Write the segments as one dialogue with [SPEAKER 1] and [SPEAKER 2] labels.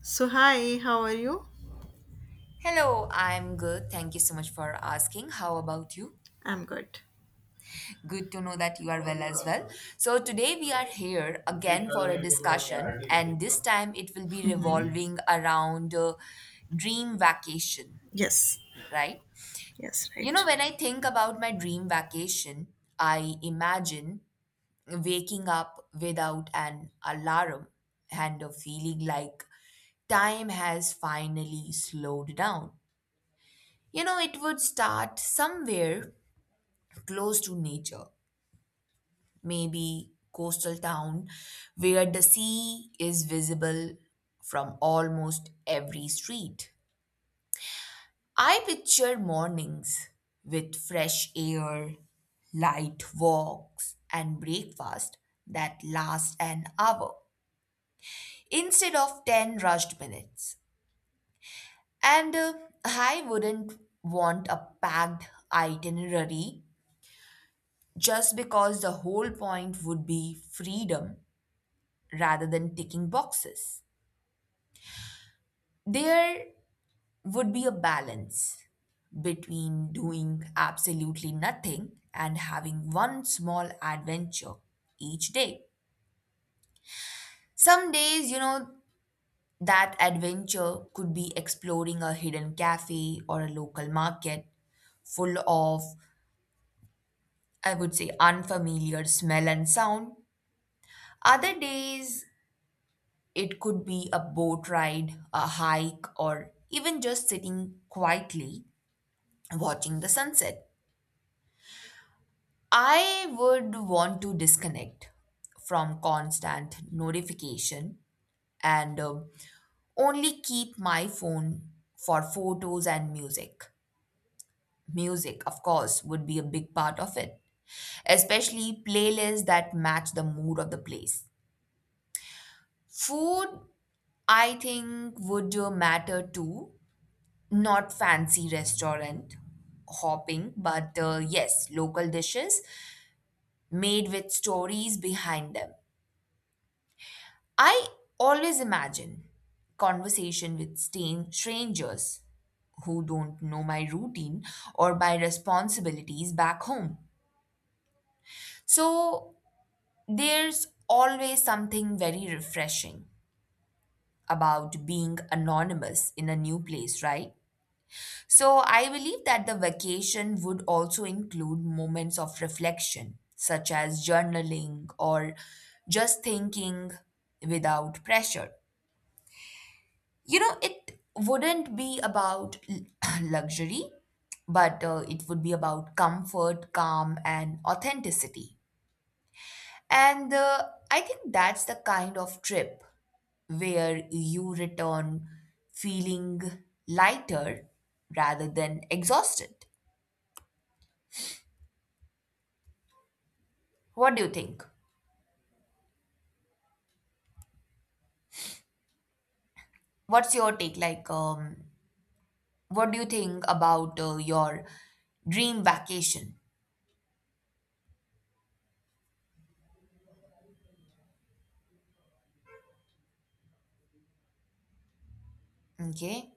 [SPEAKER 1] So, hi, how are you?
[SPEAKER 2] Hello, I'm good. Thank you so much for asking. How about you?
[SPEAKER 1] I'm good.
[SPEAKER 2] Good to know that you are well as well. So, today we are here again for a discussion, and this time it will be revolving around dream vacation,
[SPEAKER 1] Yes,
[SPEAKER 2] right?
[SPEAKER 1] yes,
[SPEAKER 2] You know,
[SPEAKER 1] right.
[SPEAKER 2] when I think about my dream vacation, I imagine waking up without an alarm and a feeling like time has finally slowed down. You know, it would start somewhere close to nature, maybe coastal town where the sea is visible from almost every street. I picture mornings with fresh air, light walks, and breakfast that last an hour instead of 10 rushed minutes. And I wouldn't want a packed itinerary just because the whole point would be freedom rather than ticking boxes. There would be a balance between doing absolutely nothing and having one small adventure each day. Some days, you know, that adventure could be exploring a hidden cafe or a local market full of, I would say, unfamiliar smell and sound. Other days, it could be a boat ride, a hike, or even just sitting quietly watching the sunset. I would want to disconnect from constant notification and only keep my phone for photos and music. Music, of course, would be a big part of it, especially playlists that match the mood of the place. Food, I think, would matter too. Not fancy restaurant hopping, but yes, local dishes made with stories behind them. I always imagine conversation with strangers who don't know my routine or my responsibilities back home. So there's always something very refreshing about being anonymous in a new place, right? So I believe that the vacation would also include moments of reflection, such as journaling or just thinking without pressure. You know, it wouldn't be about luxury, but it would be about comfort, calm, and authenticity. And I think that's the kind of trip where you return feeling lighter rather than exhausted. What do you think? What's your take? What do you think about your dream vacation? Okay.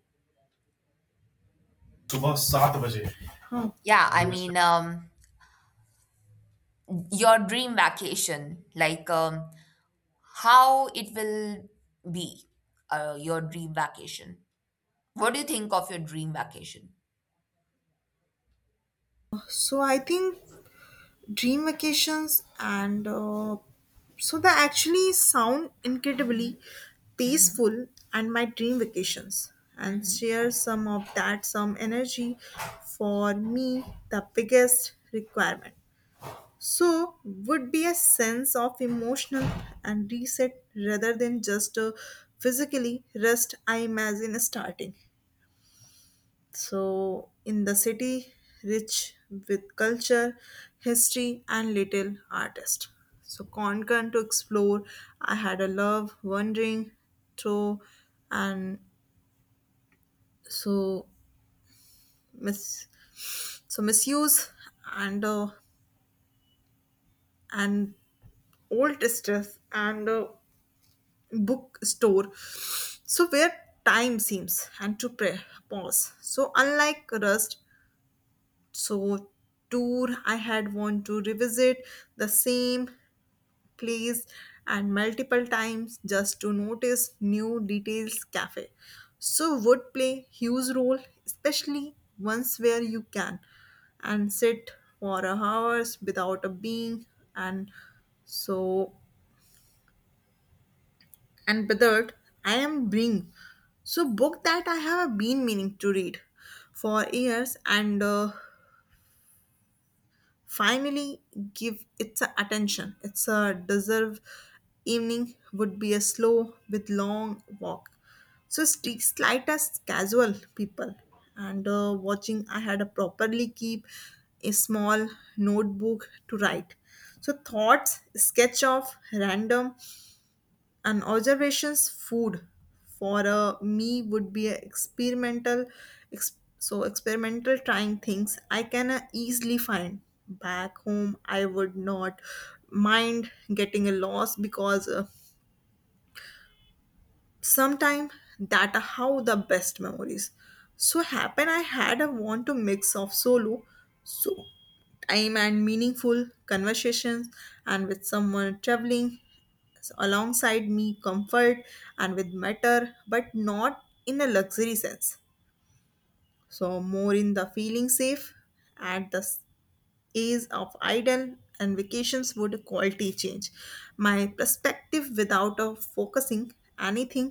[SPEAKER 1] Oh,
[SPEAKER 2] Yeah, your dream vacation, how it will be, your dream vacation. What do you think of your dream vacation?
[SPEAKER 1] I think dream vacations and they actually sound incredibly peaceful and my dream vacations and
[SPEAKER 2] Mhm.
[SPEAKER 1] share some of that some energy for me the biggest requirement would be a sense of emotional and reset rather than just a physically rest. I imagine starting. So, in the city, rich with culture, history, and little artist. So, Konkan to explore. I had a love wandering through, and so miss, so misuse and uh, and old distress and bookstore. So where time seems and to pray, pause. So unlike rust, so tour I had want to revisit the same place and multiple times just to notice new details cafe so would play huge role, especially once where you can and sit for hours without a being and so and withered. I am bring so book that I have been meaning to read for years and finally give its a attention. It's a deserve evening would be a slow with long walk. So slight as casual people and watching. I had a properly keep a small notebook to write. So thoughts, sketch of random an observations food for me would be a experimental experimental trying things I can easily find back home. I would not mind getting a loss because sometime that are how the best memories so happen. I had a want to mix of solo so time and meaningful conversations and with someone traveling alongside me comfort and with matter but not in a luxury sense, so more in the feeling safe at the years of idle and vacations would quality change my perspective without focusing anything.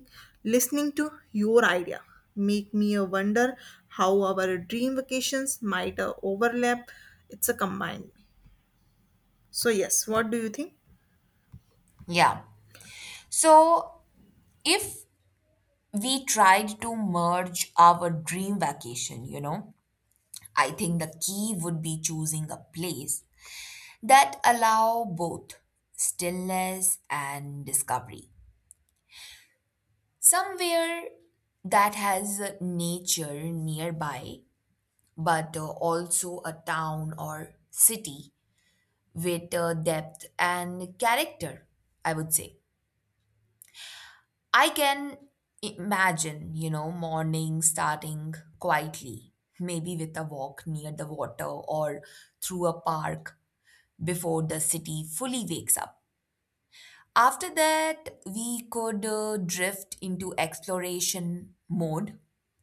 [SPEAKER 1] Listening to your idea make me wonder how our dream vacations might overlap. It's a combined, so yes, what do you think?
[SPEAKER 2] Yeah. So if we tried to merge our dream vacation, you know, I think the key would be choosing a place that allow both stillness and discovery. Somewhere that has nature nearby, but also a town or city with depth and character, I would say. I can imagine, you know, morning starting quietly, maybe with a walk near the water or through a park before the city fully wakes up. After that, we could drift into exploration mode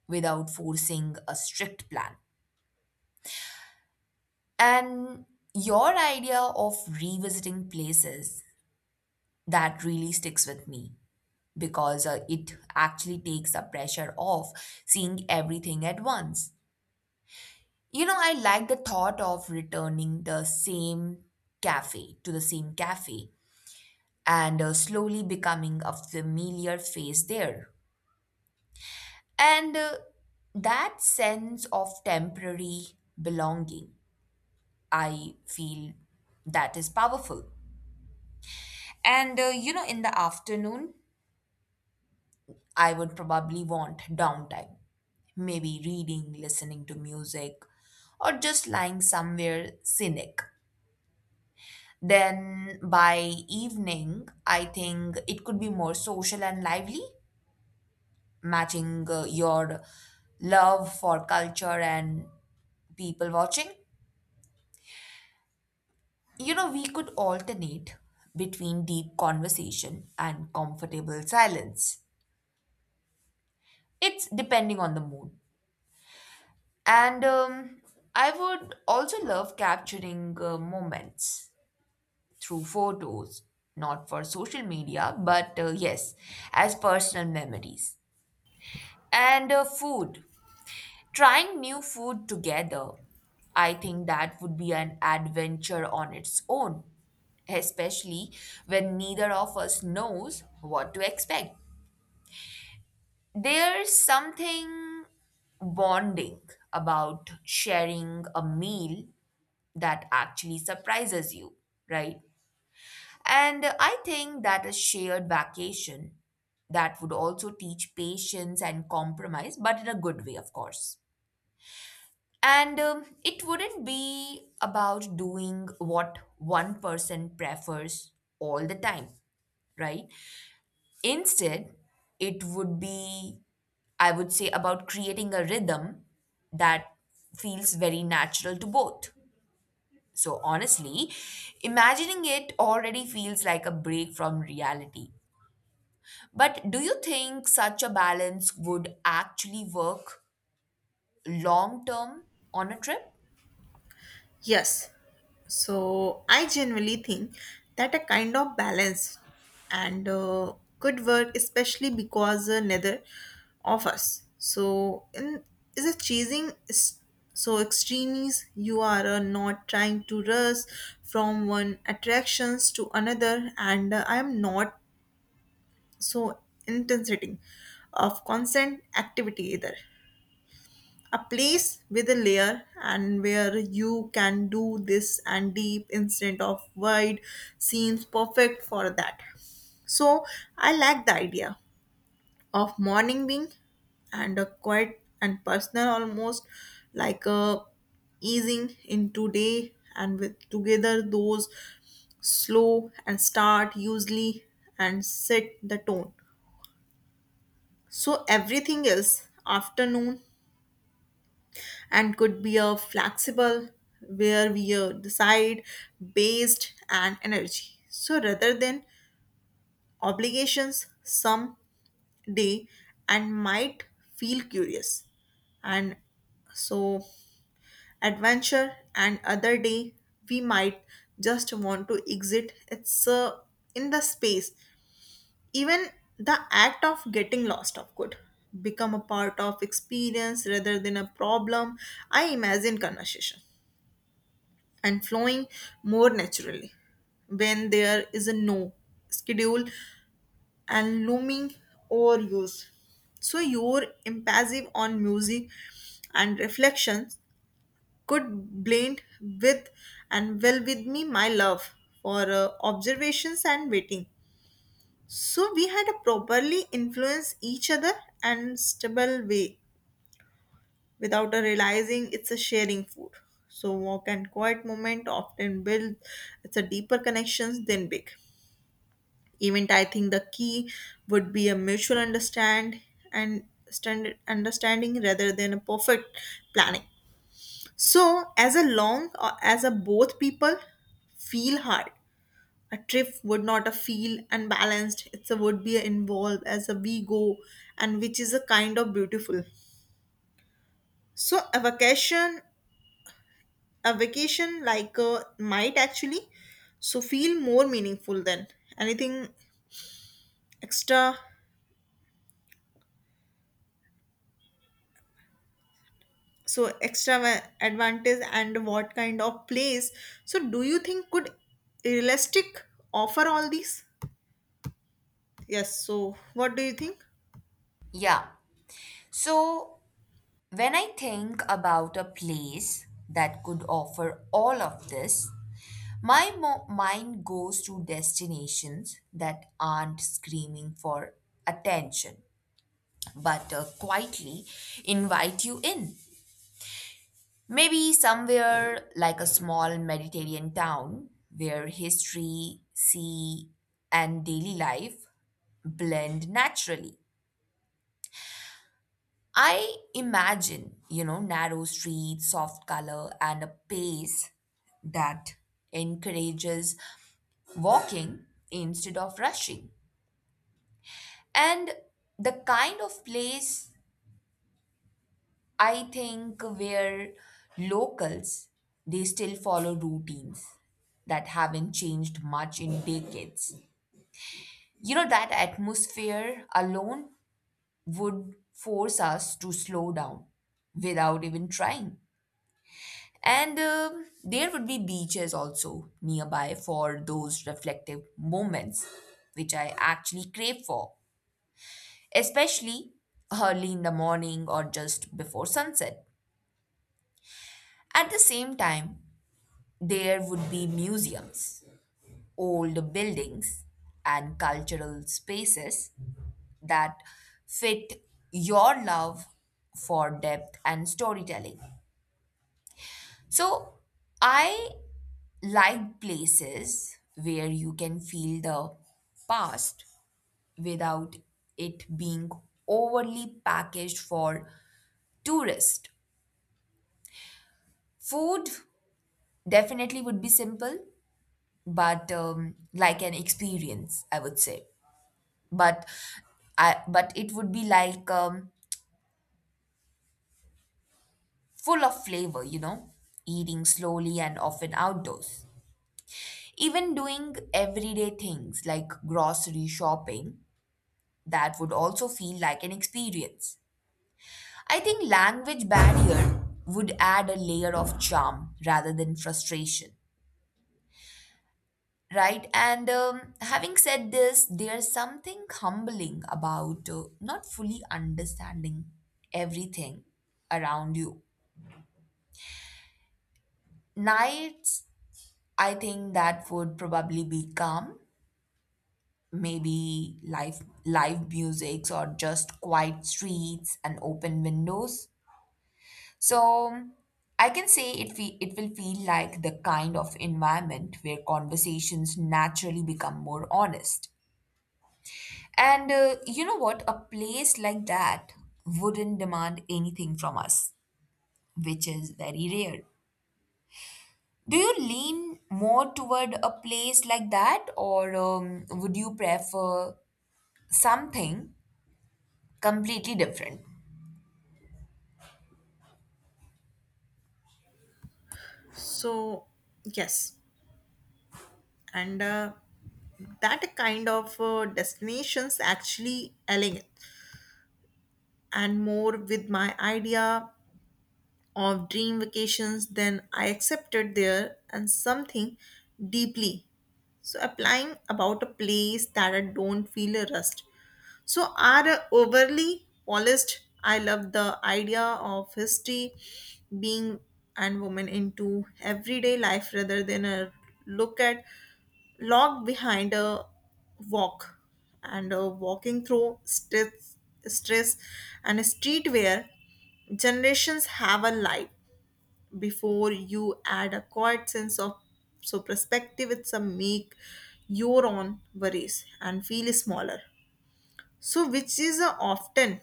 [SPEAKER 2] without forcing a strict plan. And your idea of revisiting places that really sticks with me because it actually takes the pressure off seeing everything at once. You know, I like the thought of returning the same cafe to the same cafe and slowly becoming a familiar face there. And That sense of temporary belonging, I feel that is powerful. And you know, in the afternoon, I would probably want downtime, maybe reading, listening to music, or just lying somewhere scenic. Then by evening, I think it could be more social and lively, matching your love for culture and people watching. You know, we could alternate between deep conversation and comfortable silence. It's depending on the mood. And I would also love capturing moments through photos, not for social media, but yes, as personal memories. And food. Trying new food together, I think that would be an adventure on its own, especially when neither of us knows what to expect. There's something bonding about sharing a meal that actually surprises you, right? And I think that a shared vacation that would also teach patience and compromise, but in a good way, of course. And It wouldn't be about doing what one person prefers all the time, right? Instead, it would be, I would say, about creating a rhythm that feels very natural to both. So, honestly, imagining it already feels like a break from reality. But do you think such a balance would actually work long term on a trip?
[SPEAKER 1] Yes. So I generally think that a kind of balance and could work, especially because neither of us. So in is a chasing extremes. You are not trying to rush from one attractions to another, and I am not so intensity of constant activity either. A place with a layer and where you can do this and deep instead of wide scenes perfect for that, so I like the idea of morning being and a quiet and personal, almost like a easing into day and with together those slow and start usually and set the tone so everything else afternoon and could be a flexible where we decide based and energy so rather than obligations some day and might feel curious and so adventure and other day we might just want to exit it's in the space. Even the act of getting lost of could become a part of experience rather than a problem. I imagine conversation and flowing more naturally. When there is a no schedule and looming overuse. So your impassive on music and reflections could blend with and well with me my love for observations and waiting. So we had a properly influence each other and stable way without a realizing it's a sharing food. So walk and quiet moment often build it's a deeper connections than big. Event I think the key would be a mutual understanding rather than a perfect planning. So as a long or as a both people feel hard. A trip would not a feel unbalanced. It's a would be a involved as a we go and which is a kind of beautiful. So a vacation like might actually so feel more meaningful than anything extra extra advantage. And what kind of place so do you think could realistic offer all these? Yes, so what do you think?
[SPEAKER 2] Yeah. So, when I think about a place that could offer all of this, my mind goes to destinations that aren't screaming for attention, but quietly invite you in. Maybe somewhere like a small Mediterranean town where history, sea, and daily life blend naturally. I imagine, you know, narrow streets, soft color, and a pace that encourages walking instead of rushing. And the kind of place I think where locals they still follow routines that haven't changed much in decades. You know, that atmosphere alone would force us to slow down without even trying. And there would be beaches also nearby for those reflective moments, which I actually crave for, especially early in the morning or just before sunset. At the same time, there would be museums, old buildings, and cultural spaces that fit your love for depth and storytelling. So, I like places where you can feel the past without it being overly packaged for tourists. Food definitely would be simple, but like an experience, I would say. But I, but it would be like full of flavor, you know, eating slowly and often outdoors. Even doing everyday things like grocery shopping that would also feel like an experience. I think language barrier would add a layer of charm rather than frustration, right? And having said this, there's something humbling about not fully understanding everything around you. Nights, I think that would probably be calm, maybe live musics or just quiet streets and open windows. So I can say it will feel like the kind of environment where conversations naturally become more honest. And you know what? A place like that wouldn't demand anything from us, which is very rare. Do you lean more toward a place like that, or would you prefer something completely different?
[SPEAKER 1] So yes, and that kind of destinations actually align and more with my idea of dream vacations, then I accepted there and something deeply. So applying about a place that I don't feel a rust. So are overly polished. I love the idea of history being and women into everyday life rather than a look at log behind a walk and walking through stress and street where generations have a life before you add a quiet sense of so perspective. It's a make your own worries and feel smaller so, which is uh, often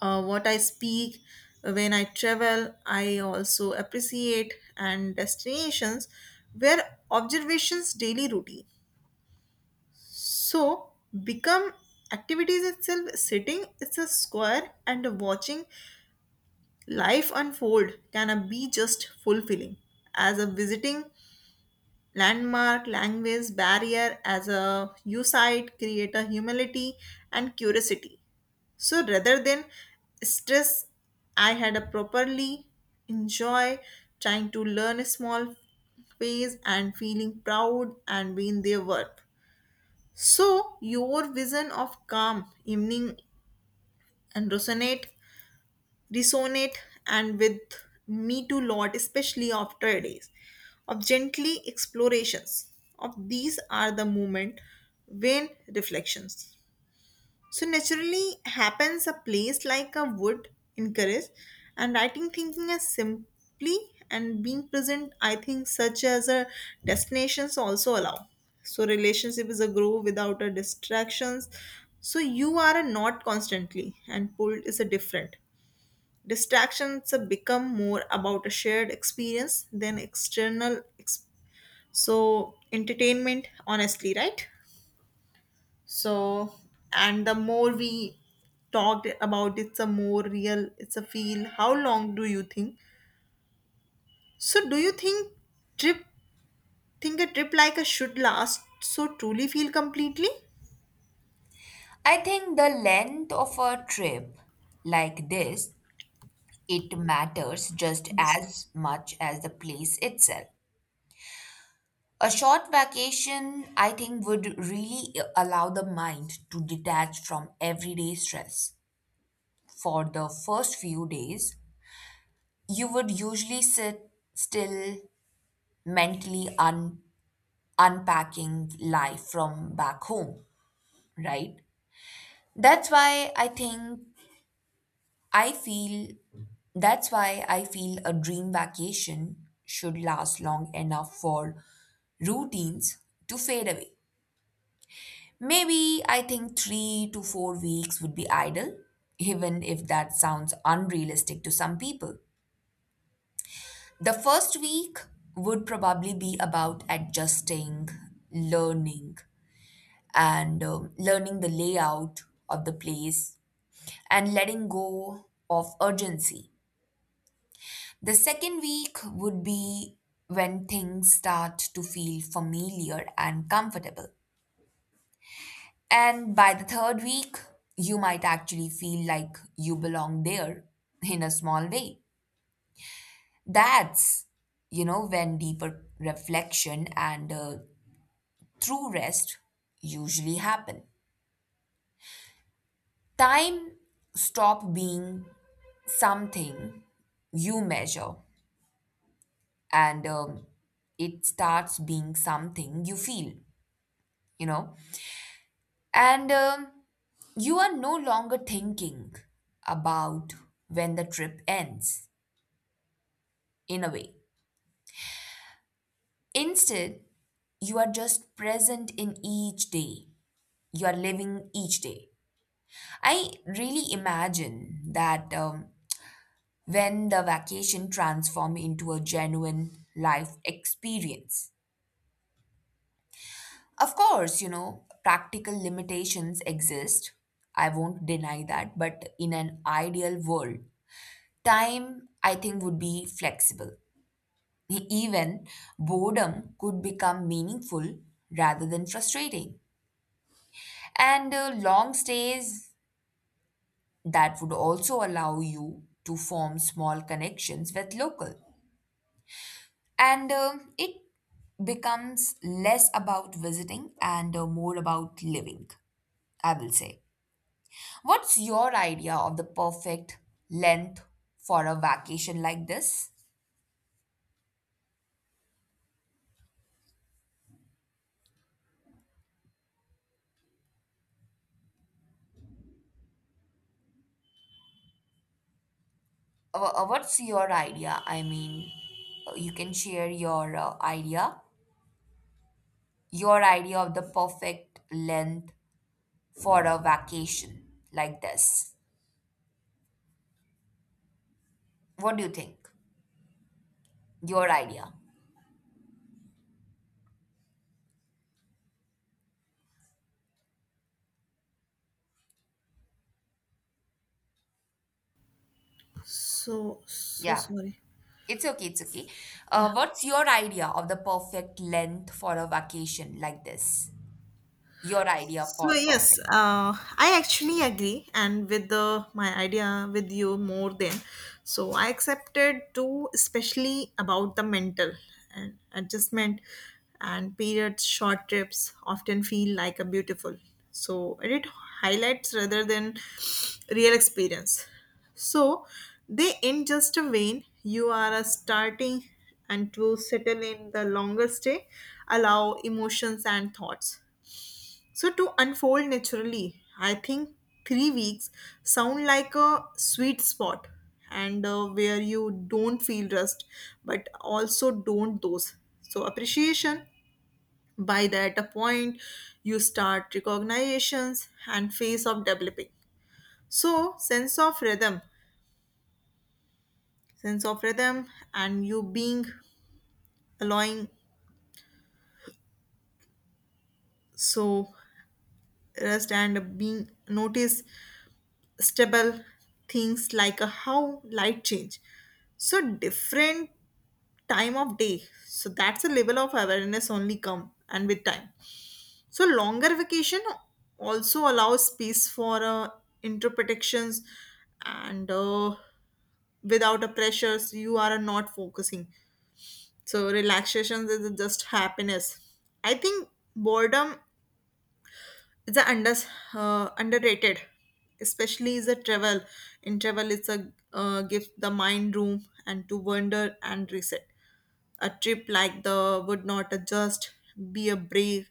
[SPEAKER 1] uh, what I speak when I travel. I also appreciate and destinations where observations daily routine. So, become activities itself sitting it's a square and watching life unfold can be just fulfilling as a visiting landmark. Language barrier as a you site create a humility and curiosity so rather than stress, I had a properly enjoy trying to learn a small phase and feeling proud and being their work. So your vision of calm evening and resonate and with me too lot, especially after days of gently explorations. Of these are the moment when reflections so naturally happens. A place like a would encourage and writing thinking as simply and being present. I think such as a destinations also allow. So relationship is a grow without a distractions. So you are a not constantly and pulled is a different. Distractions have become more about a shared experience than external entertainment, honestly, right? So, and the more we talked about it's a more real, it's a feel. How long do you think? So, do you think trip think a trip like a should last so truly feel completely?
[SPEAKER 2] I think the length of a trip like this it matters just
[SPEAKER 1] Yes.
[SPEAKER 2] as much as the place itself. A short vacation, I think, would really allow the mind to detach from everyday stress. For the first few days, you would usually sit still, mentally unpacking life from back home, right? That's why I think I feel that's why I feel a dream vacation should last long enough for routines to fade away. Maybe I think 3 to 4 weeks would be ideal, even if that sounds unrealistic to some people. The first week would probably be about adjusting, learning, and learning the layout of the place and letting go of urgency. The second week would be when things start to feel familiar and comfortable. And by the third week, you might actually feel like you belong there in a small way. That's, you know, when deeper reflection and true rest usually happen. Time stop being something you measure and it starts being something you feel, you know. And You are no longer thinking about when the trip ends, in a way. Instead, you are just present in each day. You are living each day. I really imagine that when the vacation transforms into a genuine life experience. Of course, you know, practical limitations exist. I won't deny that. But in an ideal world, time, I think, would be flexible. Even boredom could become meaningful rather than frustrating. And long stays that would also allow you to form small connections with local. And it becomes less about visiting and more about living, I will say. What's your idea of the perfect length for a vacation like this? What's your idea? I mean, you can share your idea, your idea of the perfect length for a vacation like this. What do you think? Your idea.
[SPEAKER 1] So so
[SPEAKER 2] Yeah,
[SPEAKER 1] sorry.
[SPEAKER 2] it's okay, it's okay. What's your idea of the perfect length for a vacation like this? Your idea
[SPEAKER 1] So
[SPEAKER 2] for
[SPEAKER 1] yes,
[SPEAKER 2] perfect.
[SPEAKER 1] I actually agree, and with the my idea with you more than, so I accepted too, especially about the mental and adjustment, and periods short trips often feel like a beautiful. So it highlights rather than real experience. So they end just a vein. You are a starting and to settle in the longer stay, allow emotions and thoughts. So to unfold naturally, I think 3 weeks sound like a sweet spot and where you don't feel rust but also don't those. So appreciation by that a point you start recognitions and phase of developing. So sense of rhythm and you being allowing so rest and being notice stable things like how light change so different time of day so that's a level of awareness only come and with time so longer vacation also allows space for interpretations and without a pressures. You are not focusing so relaxation is just happiness. I think boredom it's a underrated, especially is a travel. In travel, it's a gives the mind room and to wander and reset. A trip like the would not just be a break,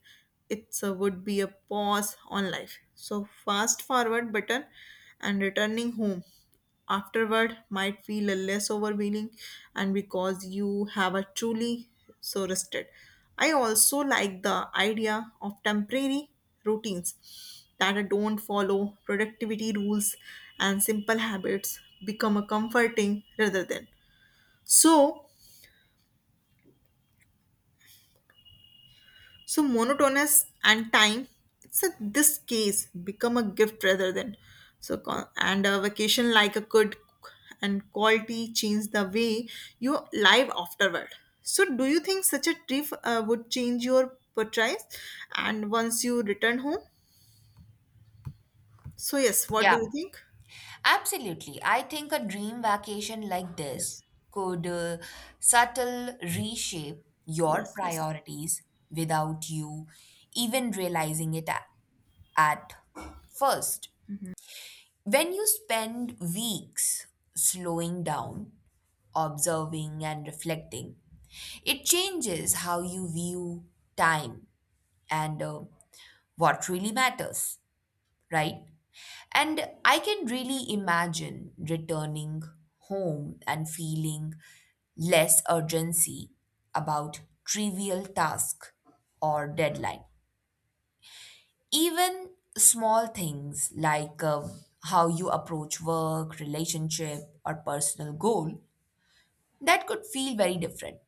[SPEAKER 1] it would be a pause on life so fast forward button. And returning home afterward might feel a less overwhelming and because you have a truly so rested. I also like the idea of temporary routines that don't follow productivity rules and simple habits become a comforting rather than so So monotonous and time, it's a, this case become a gift rather than and a vacation like a good and quality change the way you live afterward. So do you think such a trip would change your portraits and once you return home? So yes, what do
[SPEAKER 2] Yeah,
[SPEAKER 1] you think?
[SPEAKER 2] absolutely. I think a dream vacation like this
[SPEAKER 1] Yes,
[SPEAKER 2] could subtle reshape your
[SPEAKER 1] yes.
[SPEAKER 2] priorities without you even realizing at first. When you spend weeks slowing down, observing, and reflecting, it changes how you view time and what really matters, right? And I can really imagine returning home and feeling less urgency about trivial task or deadline. Even small things like how you approach work, relationship, or personal goal that could feel very different.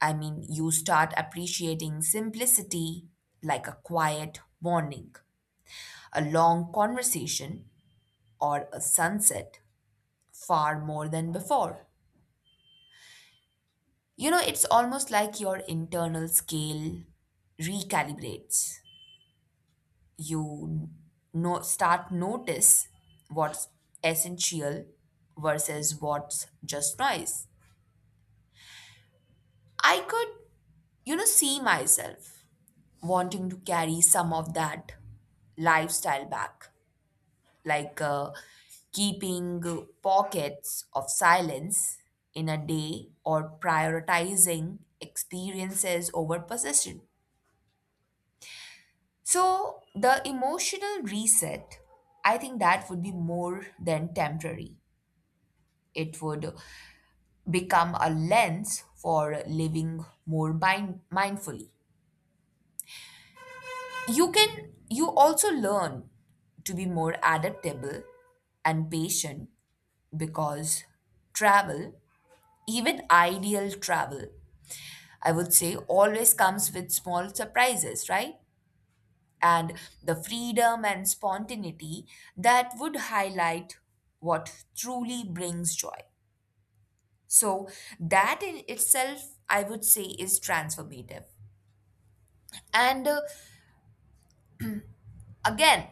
[SPEAKER 2] I mean, you start appreciating simplicity like a quiet morning, a long conversation, or a sunset far more than before. You know, it's almost like your internal scale recalibrates. You no, start notice what's essential versus what's just noise. I could, you know, see myself wanting to carry some of that lifestyle back like keeping pockets of silence in a day or prioritizing experiences over possession. So, the emotional reset, I think that would be more than temporary. It would become a lens for living more mindfully. You can you also learn to be more adaptable and patient because travel even ideal travel, I would say, always comes with small surprises, right? And the freedom and spontaneity that would highlight what truly brings joy. So, that in itself, I would say, is transformative. And Again,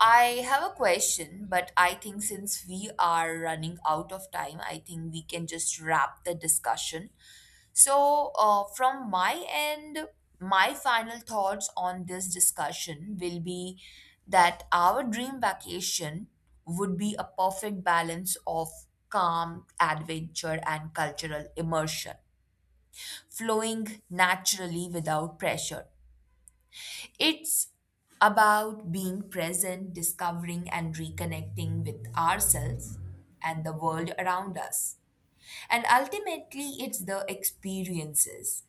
[SPEAKER 2] I have a question, but I think since we are running out of time, I think we can just wrap the discussion. So, from my end, my final thoughts on this discussion will be that our dream vacation would be a perfect balance of calm, adventure, and cultural immersion, flowing naturally without pressure. It's about being present, discovering and reconnecting with ourselves and the world around us. And ultimately, it's the experiences,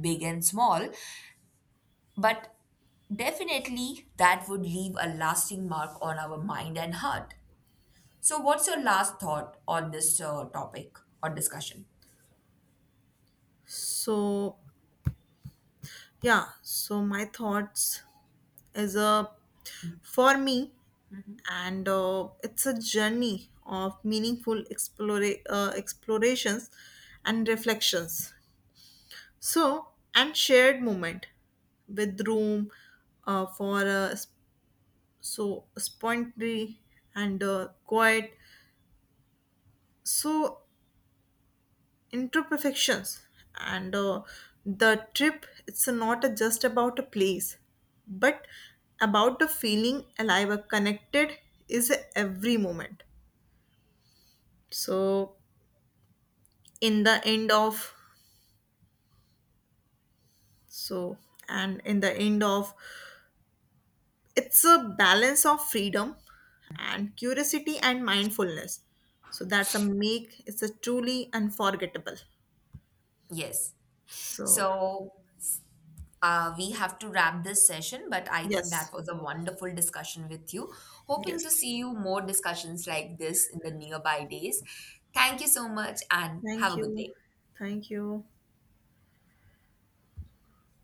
[SPEAKER 2] big and small, but definitely that would leave a lasting mark on our mind and heart. So, what's your last thought on this topic or discussion?
[SPEAKER 1] So yeah, so my thoughts is a for me and it's a journey of meaningful explorations and reflections so and shared moment with room for spontaneity and quiet so imperfections and the trip it's not just about a place but about the feeling alive connected is every moment so in the end of so in the end of it's a balance of freedom and curiosity and mindfulness so that's a make it's a truly unforgettable
[SPEAKER 2] Yes.
[SPEAKER 1] so
[SPEAKER 2] So, uh, we have to wrap this session, but I think that
[SPEAKER 1] yes
[SPEAKER 2] was a wonderful discussion with you. Hoping to
[SPEAKER 1] yes.
[SPEAKER 2] see you more discussions like this in the nearby days. Thank you so much and have
[SPEAKER 1] Thank
[SPEAKER 2] a good
[SPEAKER 1] you.
[SPEAKER 2] day.
[SPEAKER 1] Thank you.